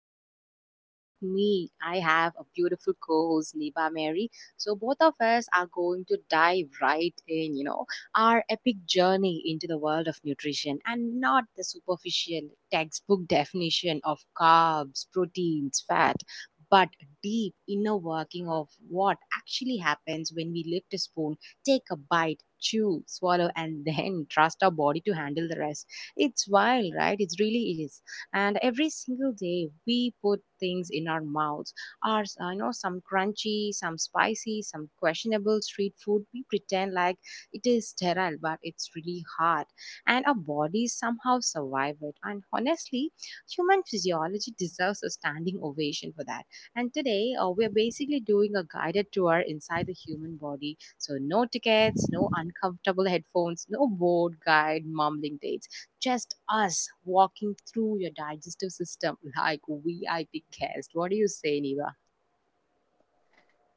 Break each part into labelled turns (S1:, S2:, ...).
S1: Asha, and with me, I have a beautiful co host, Niba Mary. So, both of us are going to dive right in, you know, our epic journey into the world of nutrition and not the superficial textbook definition of carbs, proteins, fat, but deep inner working of what actually happens when we lift a spoon, take a bite, chew, swallow, and then trust our body to handle the rest. It's wild, right? It's really is. And every single day we put things in our mouths are you know, some crunchy, some spicy, some questionable street food. We pretend like it is sterile, but it's really hard. And our bodies somehow survive it. And honestly, human physiology deserves a standing ovation for that. And today, we're basically doing a guided tour inside the human body. So no tickets, no uncomfortable headphones, no bored guide mumbling dates, just us walking through your digestive system like VIP guest. What do you say, Niva?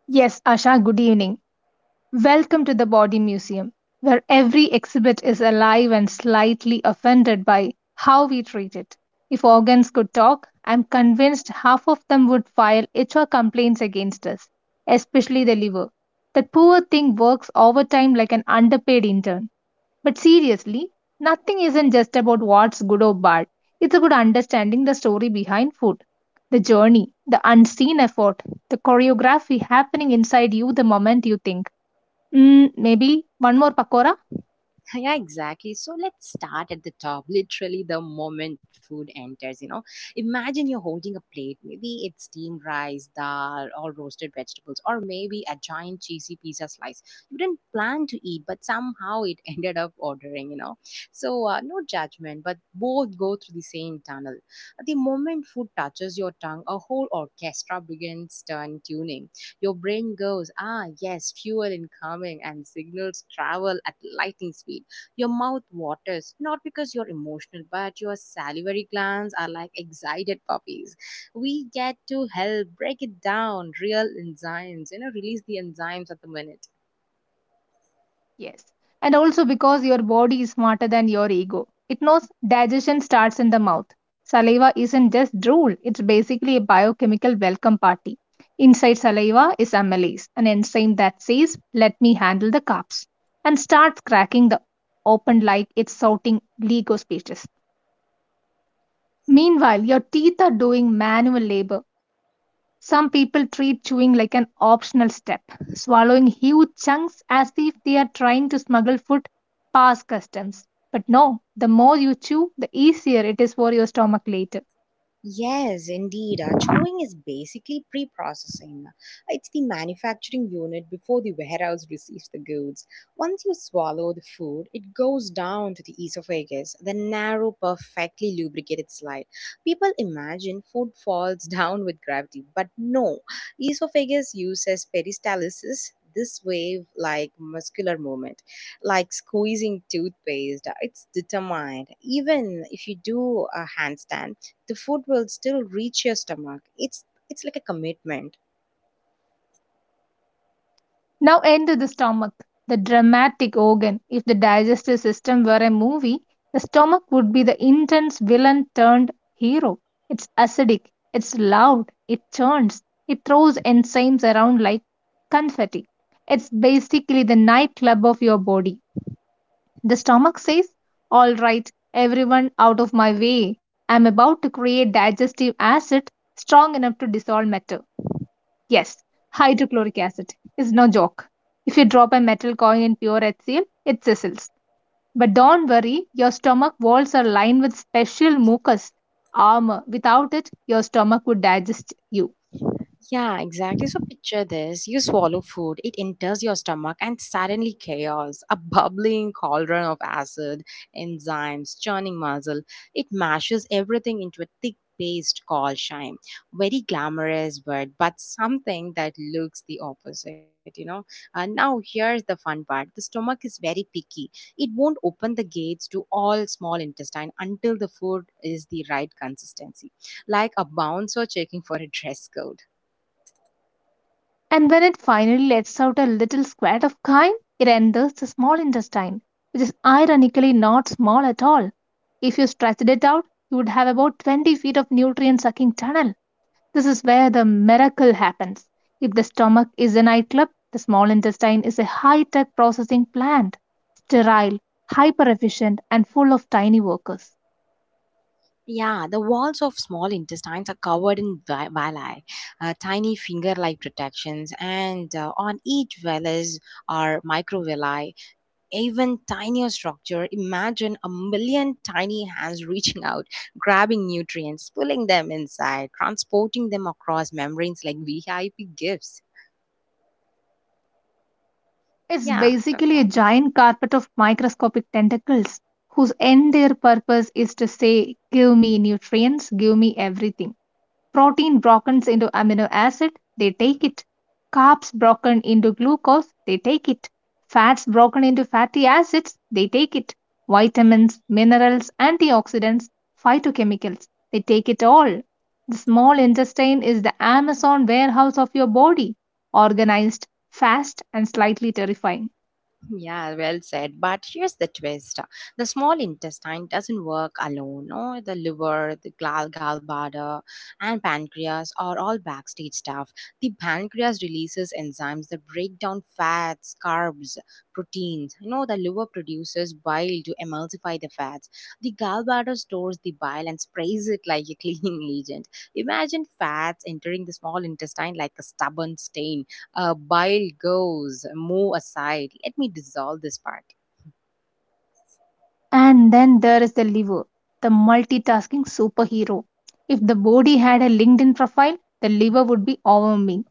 S2: Yes, Asha, good evening. Welcome to the Body Museum, where every exhibit is alive and slightly offended by how we treat it. If organs could talk, I'm convinced half of them would file HR complaints against us, especially the liver. That poor thing works overtime like an underpaid intern. But seriously, nothing isn't just about what's good or bad. It's about understanding the story behind food, the journey, the unseen effort, the choreography happening inside you the moment you think, mm, maybe one more pakora.
S1: Yeah, exactly. So let's start at the top. Literally, the moment food enters, imagine you're holding a plate. Maybe it's steamed rice, dal, or roasted vegetables, or maybe a giant cheesy pizza slice. You didn't plan to eat, but somehow it ended up ordering. So, no judgment, but both go through the same tunnel. The moment food touches your tongue, a whole orchestra begins turn tuning. Your brain goes, ah, yes, fuel incoming, and signals travel at lightning speed. Your mouth waters, not because you're emotional, but your salivary glands are like excited puppies. We get to help break it down, real enzymes, you know, release the enzymes at the minute.
S2: Yes. And also because your body is smarter than your ego. It knows digestion starts in the mouth. Saliva isn't just drool, it's basically a biochemical welcome party. Inside saliva is amylase, an enzyme that says, "Let me handle the carbs," and starts cracking the open like it's shouting Lego speeches. Meanwhile, your teeth are doing manual labor. Some people treat chewing like an optional step, swallowing huge chunks as if they are trying to smuggle food past customs. But no, the more you chew, the easier it is for your stomach later.
S1: Yes, indeed. Chewing is basically pre processing. It's the manufacturing unit before the warehouse receives the goods. Once you swallow the food, it goes down to the esophagus, the narrow, perfectly lubricated slide. People imagine food falls down with gravity, but no. Esophagus uses peristalsis. This wave like muscular movement, like squeezing toothpaste, it's determined. Even if you do a handstand, the food will still reach your stomach. It's like a commitment.
S2: Now enter the stomach, the dramatic organ. If the digestive system were a movie, the stomach would be the intense villain turned hero. It's acidic, it's loud, it churns, it throws enzymes around like confetti. It's basically the nightclub of your body. The stomach says, "All right, everyone out of my way. I'm about to create digestive acid strong enough to dissolve matter." Yes, hydrochloric acid is no joke. If you drop a metal coin in pure HCl, it sizzles. But don't worry, your stomach walls are lined with special mucus armor. Without it, your stomach would digest you.
S1: Yeah, exactly. So picture this. You swallow food, it enters your stomach, and suddenly chaos, a bubbling cauldron of acid, enzymes, churning muscle. It mashes everything into a thick paste called chyme. Very glamorous, but something that looks the opposite, you know. And now here's the fun part. The stomach is very picky. It won't open the gates to all small intestine until the food is the right consistency, like a bouncer checking for a dress code.
S2: And when it finally lets out a little squirt of chyme, it enters the small intestine, which is ironically not small at all. If you stretched it out, you would have about 20 feet of nutrient sucking tunnel. This is where the miracle happens. If the stomach is a nightclub, the small intestine is a high tech processing plant, sterile, hyper efficient, and full of tiny workers.
S1: Yeah, the walls of small intestines are covered in villi, tiny finger-like protections, and on each vellus are microvilli, even tinier structure. Imagine a million tiny hands reaching out, grabbing nutrients, pulling them inside, transporting them across membranes like VIP gifts.
S2: It's
S1: Yeah, talk
S2: basically a
S1: about.
S2: giant carpet of microscopic tentacles whose entire purpose is to say, "Give me nutrients, give me everything." Protein broken into amino acid, they take it. Carbs broken into glucose, they take it. Fats broken into fatty acids, they take it. Vitamins, minerals, antioxidants, phytochemicals, they take it all. The small intestine is the Amazon warehouse of your body, organized, fast, and slightly terrifying.
S1: Yeah, well said. But here's the twist, the small intestine doesn't work alone. No, the liver, the gallbladder, and pancreas are all backstage stuff. The pancreas releases enzymes that break down fats, carbs, proteins. You know, the liver produces bile to emulsify the fats. The gallbladder stores the bile and sprays it like a cleaning agent. Imagine fats entering the small intestine like a stubborn stain. Bile goes, move aside. Let me dissolve this part.
S2: And then there is the liver, the multitasking superhero. If the body had a LinkedIn profile, the liver would be overwhelming.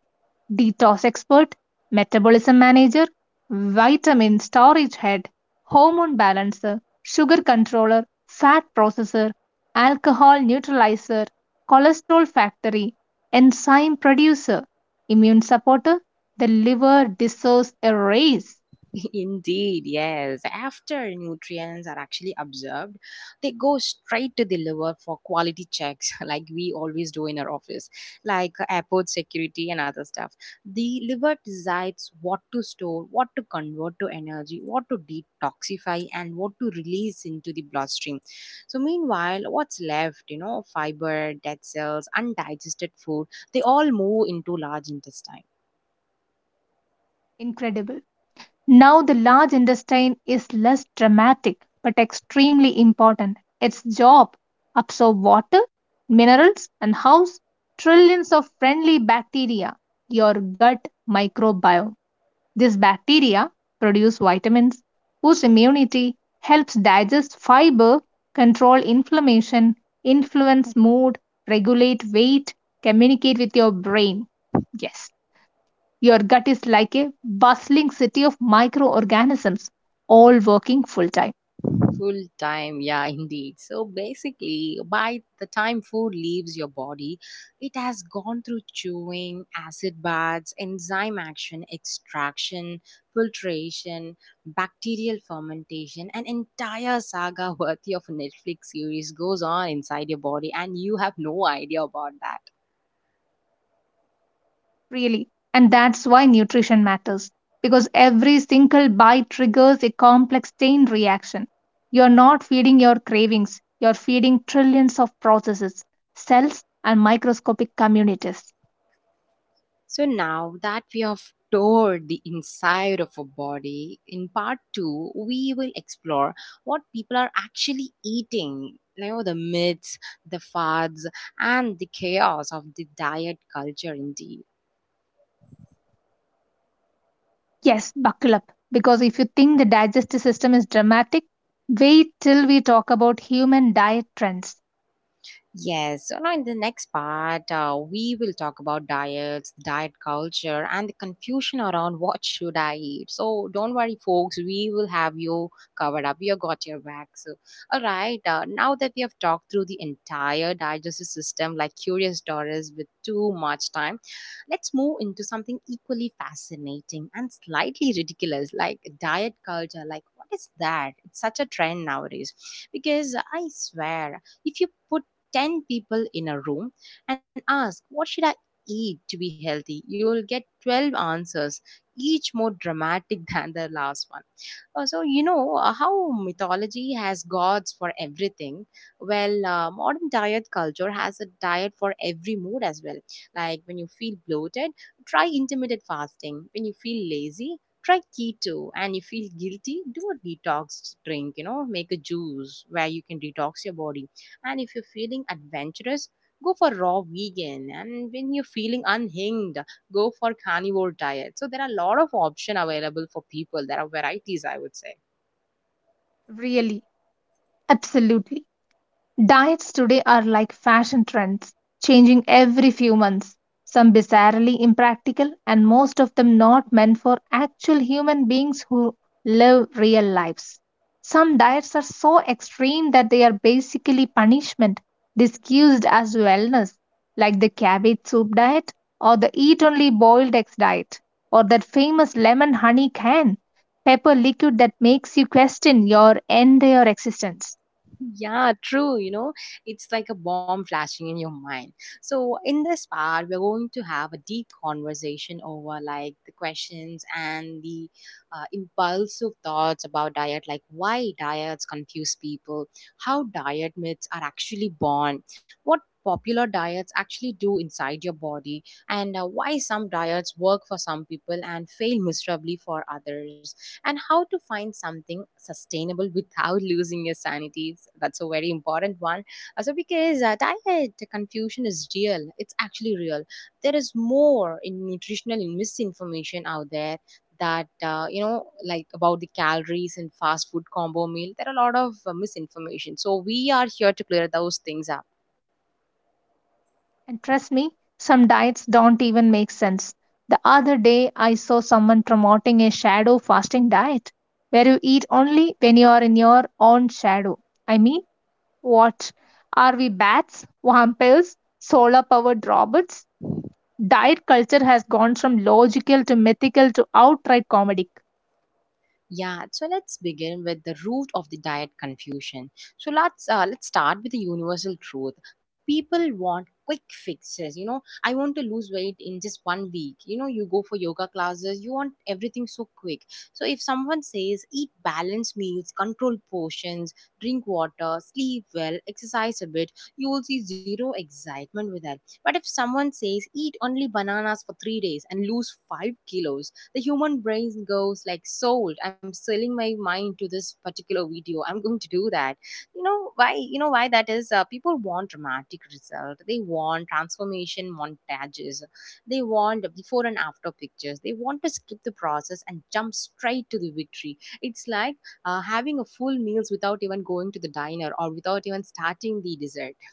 S2: Detox expert, metabolism manager, vitamin storage head, hormone balancer, sugar controller, fat processor, alcohol neutralizer, cholesterol factory, enzyme producer, immune supporter. The liver deserves a raise.
S1: Indeed, yes. After nutrients are actually absorbed, they go straight to the liver for quality checks, like we always do in our office, like airport security and other stuff. The liver decides what to store, what to convert to energy, what to detoxify, and what to release into the bloodstream. So, meanwhile, what's left, you know, fiber, dead cells, undigested food, they all move into large intestine.
S2: Incredible. Now, the large intestine is less dramatic but extremely important. Its job, absorb water, minerals and house trillions of friendly bacteria, your gut microbiome. These bacteria produce vitamins, boost immunity, helps digest fiber, control inflammation, influence mood, regulate weight, communicate with your brain. Yes. Your gut is like a bustling city of microorganisms, all working full time,
S1: Full time, yeah, indeed. So basically, by the time food leaves your body, it has gone through chewing, acid baths, enzyme action, extraction, filtration, bacterial fermentation. An entire saga worthy of a Netflix series goes on inside your body, and you have no idea about that.
S2: really. And that's why nutrition matters, because every single bite triggers a complex chain reaction. You're not feeding your cravings, you're feeding trillions of processes, cells, and microscopic communities.
S1: So now that we have toured the inside of a body, in part two, we will explore what people are actually eating. You know, the myths, the fads, and the chaos of the diet culture indeed.
S2: Yes, buckle up, because if you think the digestive system is dramatic, wait till we talk about human diet trends.
S1: Yes, so now in the next part, we will talk about diets, diet culture, and the confusion around what should I eat. So don't worry, folks, we will have you covered up. We have got your back. So, all right, now that we have talked through the entire digestive system, like Curious Doris, with too much time, let's move into something equally fascinating and slightly ridiculous, like diet culture. Like, what is that? It's such a trend nowadays. Because I swear, if you put 10 people in a room and ask, What should I eat to be healthy? You will get 12 answers, each more dramatic than the last one. How mythology has gods for everything. Well, modern diet culture has a diet for every mood as well. Like when you feel bloated, try intermittent fasting. When you feel lazy, try keto. And you feel guilty, do a detox drink, you know, make a juice where you can detox your body. And if you're feeling adventurous, go for raw vegan. And when you're feeling unhinged, go for carnivore diet. So there are a lot of option available for people. There are varieties, I would say.
S2: Really, absolutely. Diets today are like fashion trends, changing every few months, some bizarrely impractical, and most of them not meant for actual human beings who live real lives. Some diets are so extreme that they are basically punishment, disguised as wellness, like the cabbage soup diet, or the eat only boiled eggs diet, or that famous lemon honey can, pepper liquid that makes you question your entire existence.
S1: Yeah, true. You know, it's like a bomb flashing in your mind. So, in this part, we're going to have a deep conversation over like the questions and the impulsive thoughts about diet, like why diets confuse people, how diet myths are actually born, what popular diets actually do inside your body, and why some diets work for some people and fail miserably for others, and how to find something sustainable without losing your sanity. That's a very important one. Also, because diet confusion is real, it's actually real. There is more in nutritional misinformation out there that you know, like about the calories and fast food combo meal, there are a lot of misinformation. So we are here to clear those things up.
S2: And trust me, some diets don't even make sense. The other day, I saw someone promoting a shadow fasting diet where you eat only when you are in your own shadow. I mean, what? Are we bats, vampires, solar powered robots? Diet culture has gone from logical to mythical to outright comedy.
S1: Yeah, so let's begin with the root of the diet confusion. So let's start with the universal truth. People want quick fixes. You know, I want to lose weight in just 1 week. You know, you go for yoga classes, you want everything so quick. So if someone says eat balanced meals, control portions, drink water, sleep well, exercise a bit, you will see zero excitement with that. But if someone says eat only bananas for 3 days and lose 5 kilos, the human brain goes like sold, I'm selling my mind to this particular video, I'm going to do that. You know why, that is. People want dramatic result, they want transformation montages, they want before and after pictures, they want to skip the process and jump straight to the victory. It's like having a full meals without even going to the diner or without even starting the dessert.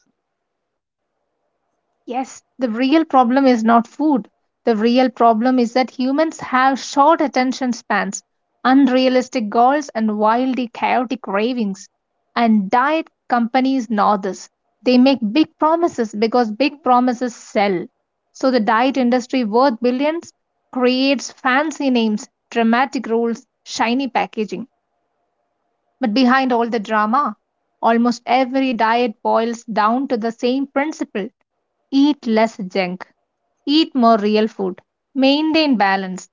S2: Yes, the real problem is not food. The real problem is that humans have short attention spans, unrealistic goals, and wildly chaotic cravings. And diet companies know this. They make big promises because big promises sell. So the diet industry, worth billions, creates fancy names, dramatic rules, shiny packaging. But behind all the drama, almost every diet boils down to the same principle: eat less junk, eat more real food, maintain balance,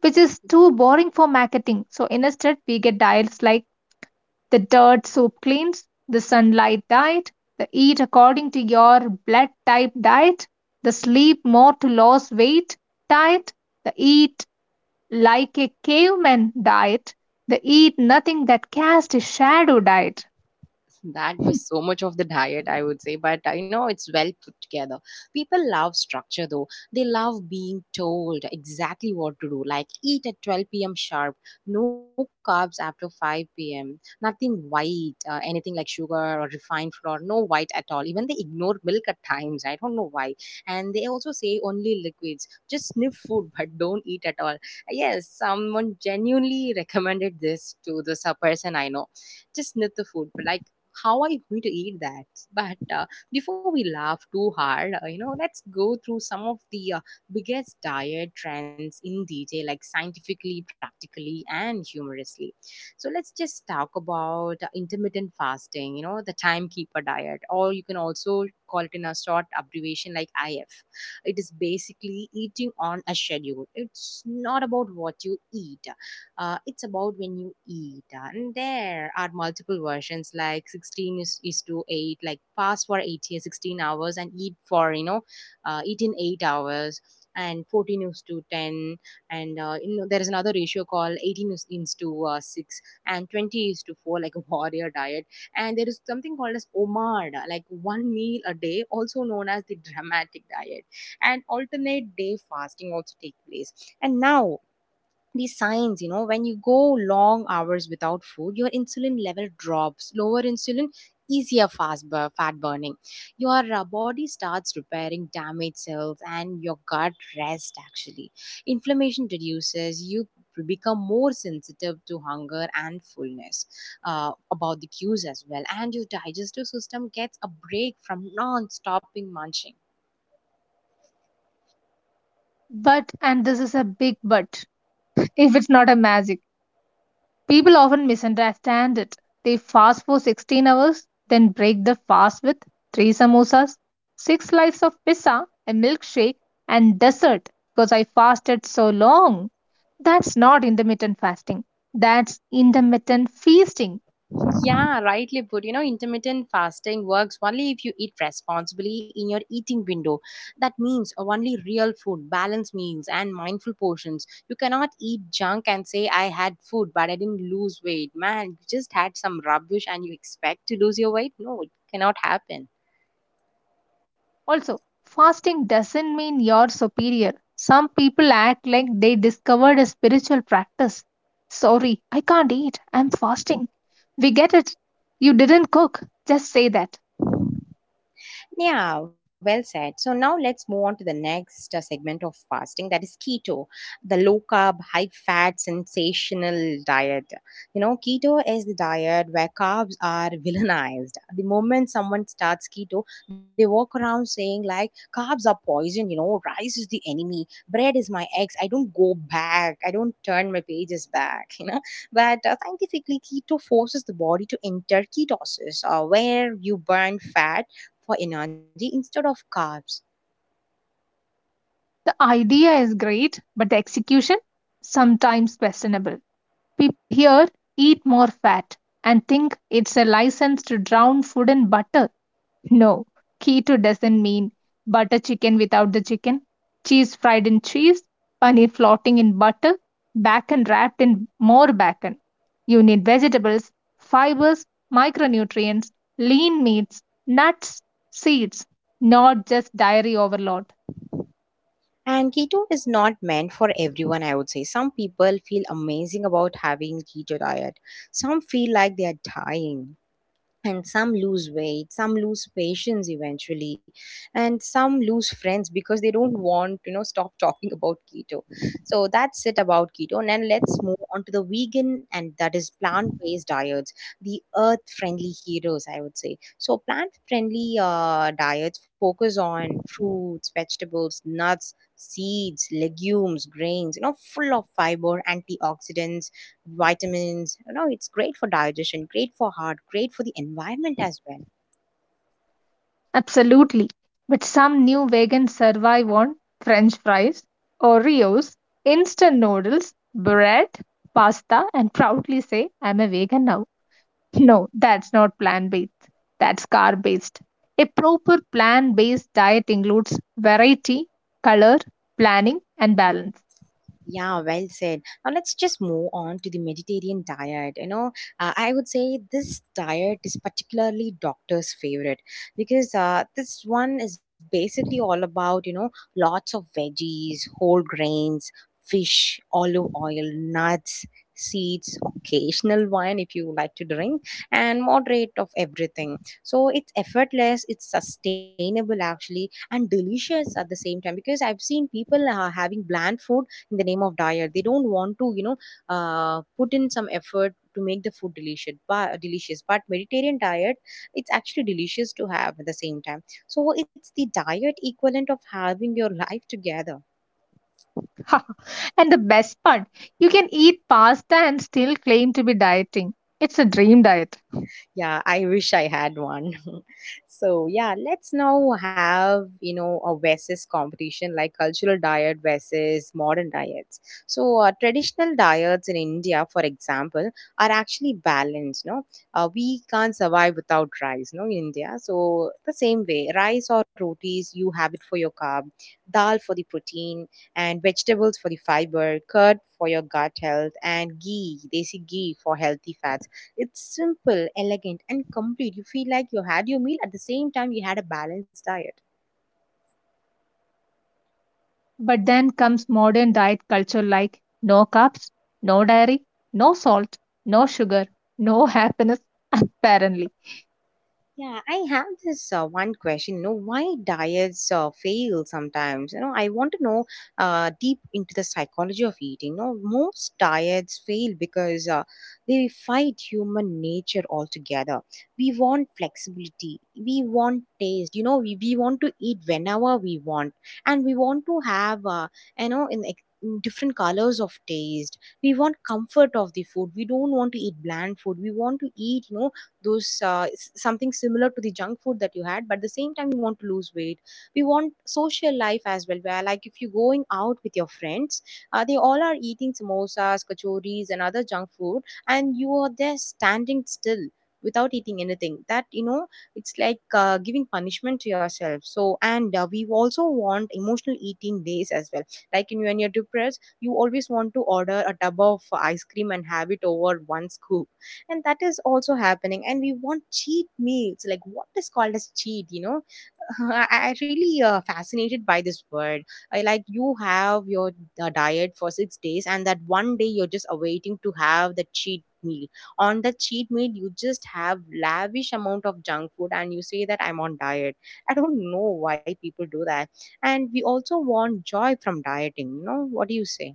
S2: which is too boring for marketing. So instead, we get diets like the dirt soup cleans, the sunlight diet, the eat according to your blood type diet, the sleep more to lose weight diet, the eat like a caveman diet, the eat nothing that cast a shadow diet.
S1: That was so much of the diet, I would say, but you know, it's well put together. People love structure though. They love being told exactly what to do, like eat at 12 p.m. sharp, no carbs after 5 p.m., nothing white, anything like sugar or refined flour, no white at all. Even they ignore milk at times. I don't know why. And they also say only liquids, just sniff food, but don't eat at all. Yes, someone genuinely recommended this to the person I know, just sniff the food. But like, how are you going to eat that? But Before we laugh too hard, let's go through some of the biggest diet trends in detail, like scientifically, practically, and humorously. So let's just talk about intermittent fasting, you know, the timekeeper diet, or you can also call it in a short abbreviation like IF. It is basically eating on a schedule. It's not about what you eat, it's about when you eat. And there are multiple versions, like 16 is to 8, like fast for 8 years, 16 hours and eat for, you know, eat in 8 hours, and 14 is to 10, and there is another ratio called 18 is to 6, and 20 is to 4, like a warrior diet. And there is something called as omad, like one meal a day, also known as the dramatic diet. And alternate day fasting also take place. And now these signs, you know, when you go long hours without food your insulin level drops, lower insulin, easier fast, fat burning, your body starts repairing damaged cells and your gut rest, actually. Inflammation reduces, you become more sensitive to hunger and fullness, about the cues as well, and your digestive system gets a break from non-stopping munching.
S2: But, and this is a big but, if it's not a magic, people often misunderstand it. They fast for 16 hours, then break the fast with three samosas, six slices of pizza, a milkshake, and dessert because I fasted so long. That's not intermittent fasting, that's intermittent feasting.
S1: Yeah, rightly put. You know, intermittent fasting works only if you eat responsibly in your eating window. That means only real food, balanced meals, and mindful portions. You cannot eat junk and say, I had food but I didn't lose weight. Man, you just had some rubbish and you expect to lose your weight? No, it cannot happen.
S2: Also, fasting doesn't mean you're superior. Some people act like they discovered a spiritual practice. Sorry, I can't eat. I'm fasting. We get it. You didn't cook. Just say that.
S1: Yeah, well said. So now let's move on to the next segment of fasting, that is keto, the low carb, high fat, sensational diet. You know, keto is the diet where carbs are villainized. The moment someone starts keto, they walk around saying, like, carbs are poison, you know, rice is the enemy, bread is my ex. I don't go back, I don't turn my pages back, you know. But scientifically, keto forces the body to enter ketosis, where you burn fat for energy instead of carbs.
S2: The idea is great, but the execution? Sometimes questionable. People here eat more fat and think it's a license to drown food in butter. No, keto doesn't mean butter chicken without the chicken, cheese fried in cheese, paneer floating in butter, bacon wrapped in more bacon. You need vegetables, fibers, micronutrients, lean meats, nuts, seeds, not just dairy overload.
S1: And keto is not meant for everyone, I would say. Some people feel amazing about having keto diet. Some feel like they are dying, and some lose weight, some lose patience eventually, and some lose friends because they don't want, you know, stop talking about keto. So that's it about keto, and then let's move on to the vegan, and that is plant-based diets, the earth-friendly heroes, I would say. So plant-friendly diets focus on fruits, vegetables, nuts, seeds, legumes, grains, you know, full of fiber, antioxidants, vitamins. You know, it's great for digestion, great for heart, great for the environment as well.
S2: Absolutely. But some new vegans survive on french fries, Oreos, instant noodles, bread, pasta, and proudly say, "I'm a vegan now." No, that's not plant based. That's carb based. A proper plant based diet includes variety, color, planning, and balance.
S1: Yeah, well said. Now let's just move on to the Mediterranean diet. You know, I would say this diet is particularly doctor's favorite, because this one is basically all about, you know, lots of veggies, whole grains, fish, olive oil, nuts, seeds, occasional wine if you like to drink, and moderate of everything. So it's effortless, it's sustainable actually, and delicious at the same time, because I've seen people having bland food in the name of diet, they don't want to, you know, put in some effort to make the food delicious, but Mediterranean diet, it's actually delicious to have at the same time. So it's the diet equivalent of having your life together.
S2: And the best part, you can eat pasta and still claim to be dieting. It's a dream diet.
S1: Yeah, I wish I had one. So yeah, let's now have, a versus competition, like cultural diet versus modern diets. So traditional diets in India, for example, are actually balanced. No, we can't survive without rice. No, in India. So the same way, rice or rotis, you have it for your carb, dal for the protein, and vegetables for the fiber, curd for your gut health, and ghee, desi ghee for healthy fats. It's simple, elegant, and complete. You feel like you had your meal at the same time you had a balanced diet.
S2: But then comes modern diet culture like no carbs, no dairy, no salt, no sugar, no happiness, apparently.
S1: Yeah, I have this one question. You know, why diets fail sometimes? You know, I want to know deep into the psychology of eating. You know, most diets fail because they fight human nature altogether. We want flexibility. We want taste. You know, we want to eat whenever we want, and we want to have, in different colors of taste. We want comfort of the food, we don't want to eat bland food, we want to eat, you know, those something similar to the junk food that you had, but at the same time you want to lose weight. We want social life as well, where, like, if you're going out with your friends, they all are eating samosas, kachoris, and other junk food, and you are there standing still without eating anything. That, you know, it's like giving punishment to yourself. So, and we also want emotional eating days as well, like when you're depressed you always want to order a tub of ice cream and have it over one scoop, and that is also happening. And we want cheat meals, like what is called as cheat, you know. I really fascinated by this word. Like, you have your diet for 6 days, and that one day you're just awaiting to have the cheat meal. On the cheat meal you just have lavish amount of junk food and you say that I'm on diet. I don't know why people do that. And we also want joy from dieting, you know, what do you say?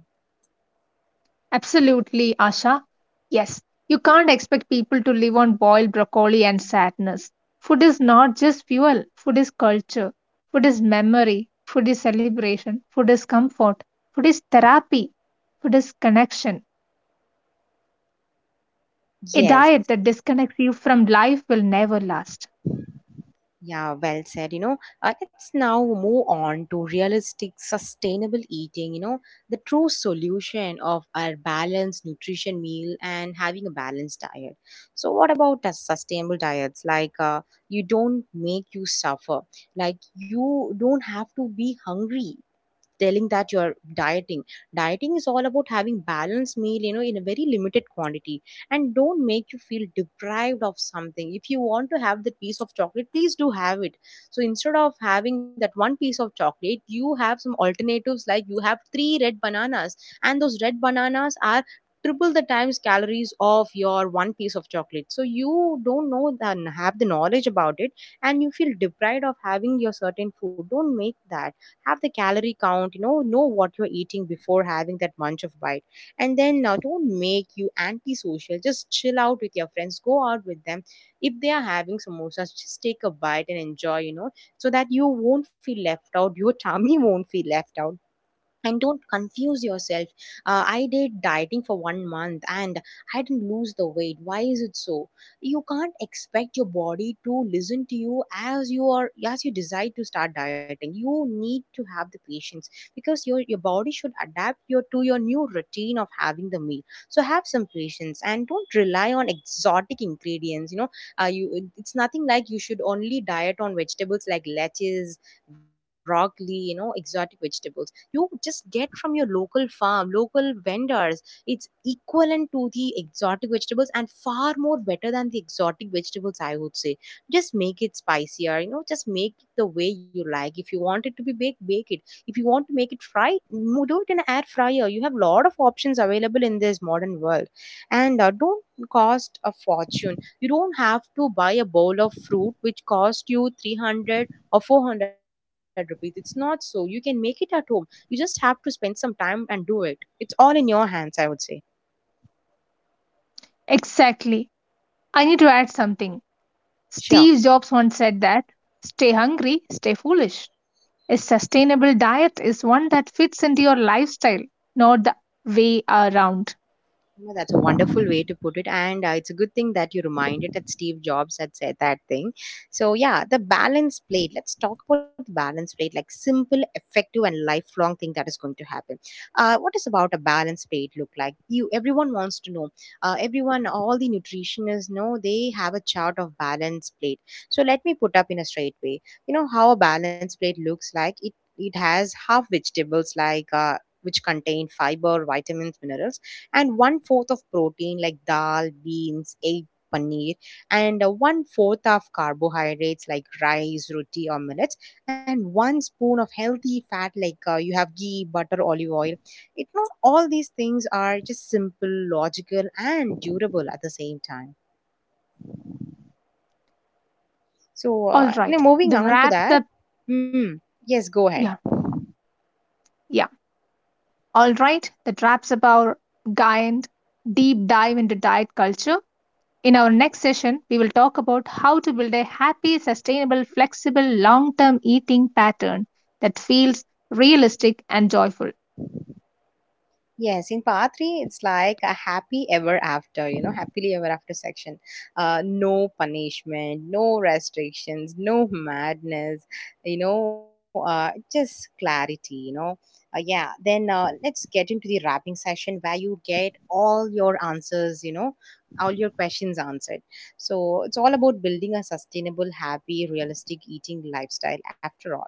S2: Absolutely, Asha. Yes, you can't expect people to live on boiled broccoli and sadness. Food is not just fuel, food is culture, food is memory, food is celebration, food is comfort, food is therapy, food is connection. A
S1: Yes.
S2: diet that disconnects you from life will never last.
S1: Yeah, well said. You know, let's now move on to realistic, sustainable eating. You know, the true solution of our balanced nutrition meal and having a balanced diet. So, what about sustainable diets? Like, you don't make you suffer. Like, you don't have to be hungry telling that you're dieting. Dieting is all about having balanced meal, you know, in a very limited quantity, and don't make you feel deprived of something. If you want to have that piece of chocolate, please do have it. So instead of having that one piece of chocolate, you have some alternatives, like you have three red bananas, and those red bananas are triple the times calories of your one piece of chocolate, so you don't know the have the knowledge about it, and you feel deprived of having your certain food. Don't make that. Have the calorie count, you know what you're eating before having that munch of bite. And then now don't make you antisocial, just chill out with your friends, go out with them. If they are having samosas, just take a bite and enjoy, you know, so that you won't feel left out, your tummy won't feel left out. And don't confuse yourself. I did dieting for one month and I didn't lose the weight, why is it so? You can't expect your body to listen to you, as you are, as you decide to start dieting, you need to have the patience, because your body should adapt your to your new routine of having the meal. So have some patience, and don't rely on exotic ingredients, you know. You It's nothing like you should only diet on vegetables like lettuce, broccoli, you know, exotic vegetables. You just get from your local farm, local vendors. It's equivalent to the exotic vegetables, and far more better than the exotic vegetables, I would say. Just make it spicier, you know, just make it the way you like. If you want it to be baked, bake it. If you want to make it fry, do it in an air fryer. You have a lot of options available in this modern world. And don't cost a fortune. You don't have to buy a bowl of fruit which cost you 300 or 400 rupees. It's not. So you can make it at home. You just have to spend some time and do it. It's all in your hands, I would say.
S2: Exactly. I need to add something.
S1: Sure.
S2: Steve Jobs once said that stay hungry, stay foolish. A sustainable diet is one that fits into your lifestyle, not the way around.
S1: No, that's a wonderful way to put it. And it's a good thing that you reminded that Steve Jobs had said that thing. So, yeah, the balance plate. Let's talk about the balance plate, like simple, effective, and lifelong thing that is going to happen. What is about a balance plate look like? You, everyone wants to know. Everyone, all the nutritionists know, they have a chart of balance plate. So let me put up in a straight way. You know how a balance plate looks like. It has half vegetables, like, which contain fiber, vitamins, minerals, and one fourth of protein like dal, beans, egg, paneer, and one fourth of carbohydrates like rice, roti, or millets, and one spoon of healthy fat like, you have ghee, butter, olive oil. It, not all these things are just simple, logical, and durable at the same time. So,
S2: All
S1: now
S2: right.
S1: moving
S2: The
S1: on to
S2: wrap
S1: that.
S2: the
S1: Hmm, yes, go ahead.
S2: yeah, yeah. All right. That wraps up our giant deep dive into diet culture. In our next session, we will talk about how to build a happy, sustainable, flexible, long term eating pattern that feels realistic and joyful.
S1: Yes, in part three, it's like a happy ever after, you know, happily ever after section. No punishment, no restrictions, no madness, you know, just clarity, you know. Yeah, then let's get into the wrapping session where you get all your answers, you know, all your questions answered. So it's all about building a sustainable, happy, realistic eating lifestyle after all.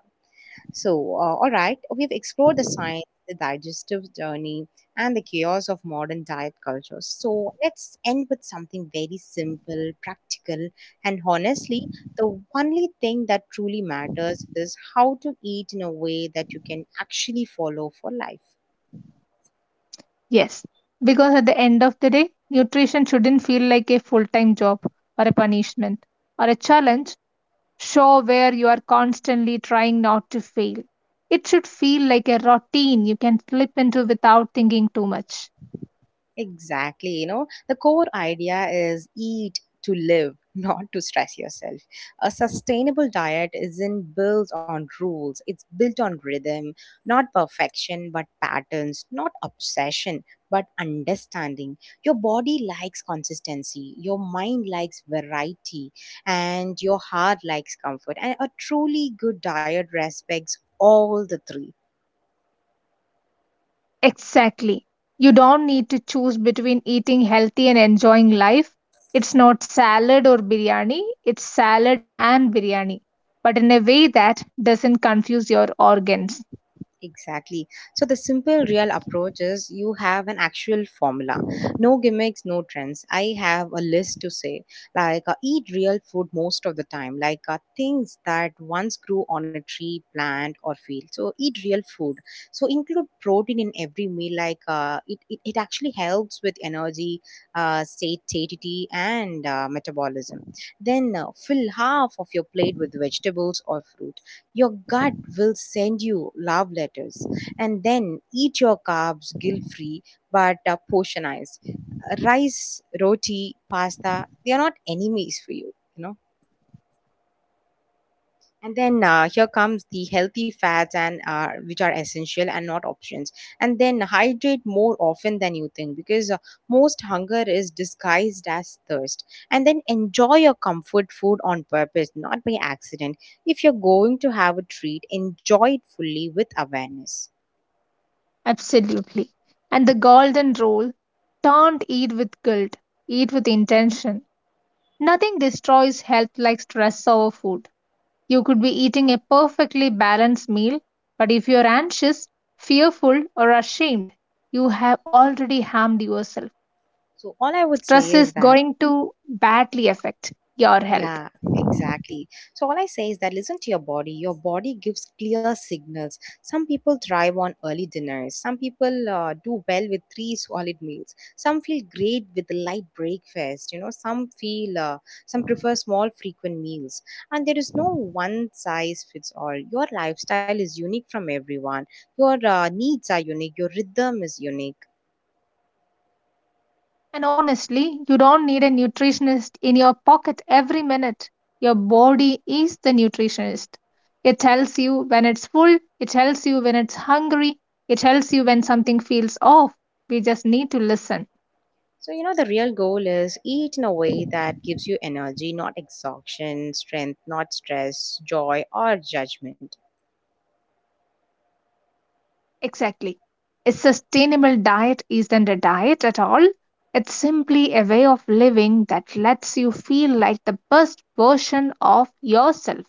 S1: So, all right, we've explored the science, the digestive journey, and the chaos of modern diet culture. So, let's end with something very simple, practical, and honestly, the only thing that truly matters is how to eat in a way that you can actually follow for life.
S2: Yes, because at the end of the day, nutrition shouldn't feel like a full time job or a punishment or a challenge show where you are constantly trying not to fail. It should feel like a routine you can slip into without thinking too much.
S1: Exactly. You know, the core idea is eat to live, not to stress yourself. A sustainable diet isn't built on rules, it's built on rhythm, not perfection but patterns, not obsession but understanding. Your body likes consistency, your mind likes variety, and your heart likes comfort. And a truly good diet respects all the three.
S2: Exactly. You don't need to choose between eating healthy and enjoying life. It's not salad or biryani, it's salad and biryani, but in a way that doesn't confuse your organs.
S1: Exactly. So the simple real approach is, you have an actual formula. No gimmicks, no trends. I have a list to say. Like, eat real food most of the time. Like, things that once grew on a tree, plant, or field. So eat real food. So include protein in every meal. Like, it actually helps with energy, satiety, and metabolism. Then fill half of your plate with vegetables or fruit, your gut will send you love letters. And then eat your carbs guilt free, but portionized. Rice, roti, pasta, they are not enemies for you. You know? And then here comes the healthy fats, and which are essential and not options. And then hydrate more often than you think, because most hunger is disguised as thirst. And then enjoy your comfort food on purpose, not by accident. If you're going to have a treat, enjoy it fully with awareness.
S2: Absolutely. And the golden rule, don't eat with guilt, eat with intention. Nothing destroys health like stress over food. You could be eating a perfectly balanced meal, but if you're anxious, fearful, or ashamed, you have already harmed yourself.
S1: So all I would say
S2: Stress
S1: is
S2: is
S1: that.
S2: going to badly affect your health.
S1: Yeah, exactly. So all I say is that, listen to your body. Your body gives clear signals. Some people thrive on early dinners. Some people do well with three solid meals. Some feel great with a light breakfast. You know, some prefer small frequent meals. And there is no one size fits all. Your lifestyle is unique from everyone. Your needs are unique. Your rhythm is unique.
S2: And honestly, you don't need a nutritionist in your pocket every minute. Your body is the nutritionist. It tells you when it's full, it tells you when it's hungry, it tells you when something feels off. We just need to listen.
S1: So, you know, the real goal is eat in a way that gives you energy, not exhaustion, strength, not stress, joy, or judgment.
S2: Exactly. A sustainable diet isn't a diet at all. It's simply a way of living that lets you feel like the best version of yourself.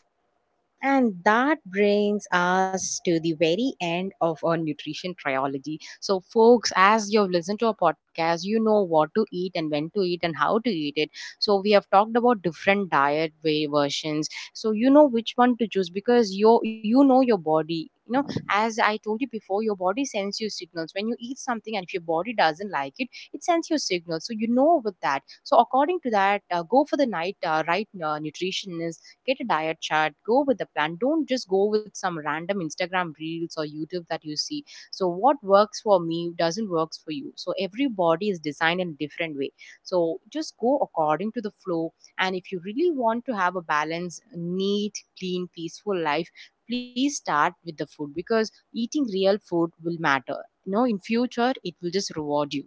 S1: And that brings us to the very end of our nutrition trilogy. So, folks, as you've listened to our podcast, you know what to eat and when to eat and how to eat it. So, we have talked about different diet way versions. So, you know which one to choose, because you know your body. You know, as I told you before, your body sends you signals. When you eat something and if your body doesn't like it sends you signals. So you know with that. So according to that, go for the night right nutritionist, get a diet chart, go with the plan. Don't just go with some random Instagram reels or YouTube that you see. So what works for me doesn't works for you, so every body is designed in a different way. So just go according to the flow. And if you really want to have a balanced, neat, clean, peaceful life, please start with the food, because eating real food will matter, you know, in future, it will just reward you.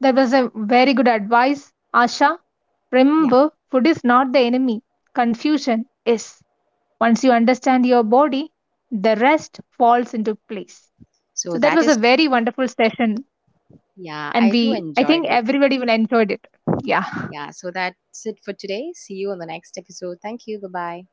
S2: That was a very good advice, Asha.
S1: Yeah.
S2: Remember, food is not the enemy. Confusion is. Once you understand your body, the rest falls into place.
S1: so
S2: So that
S1: that
S2: was
S1: is
S2: a very wonderful session
S1: Yeah,
S2: and
S1: I too
S2: we I
S1: enjoyed
S2: think
S1: it.
S2: everybody will enjoyed it. Yeah.
S1: Yeah, so that's it for today. See you on the next episode. Thank you. Bye bye.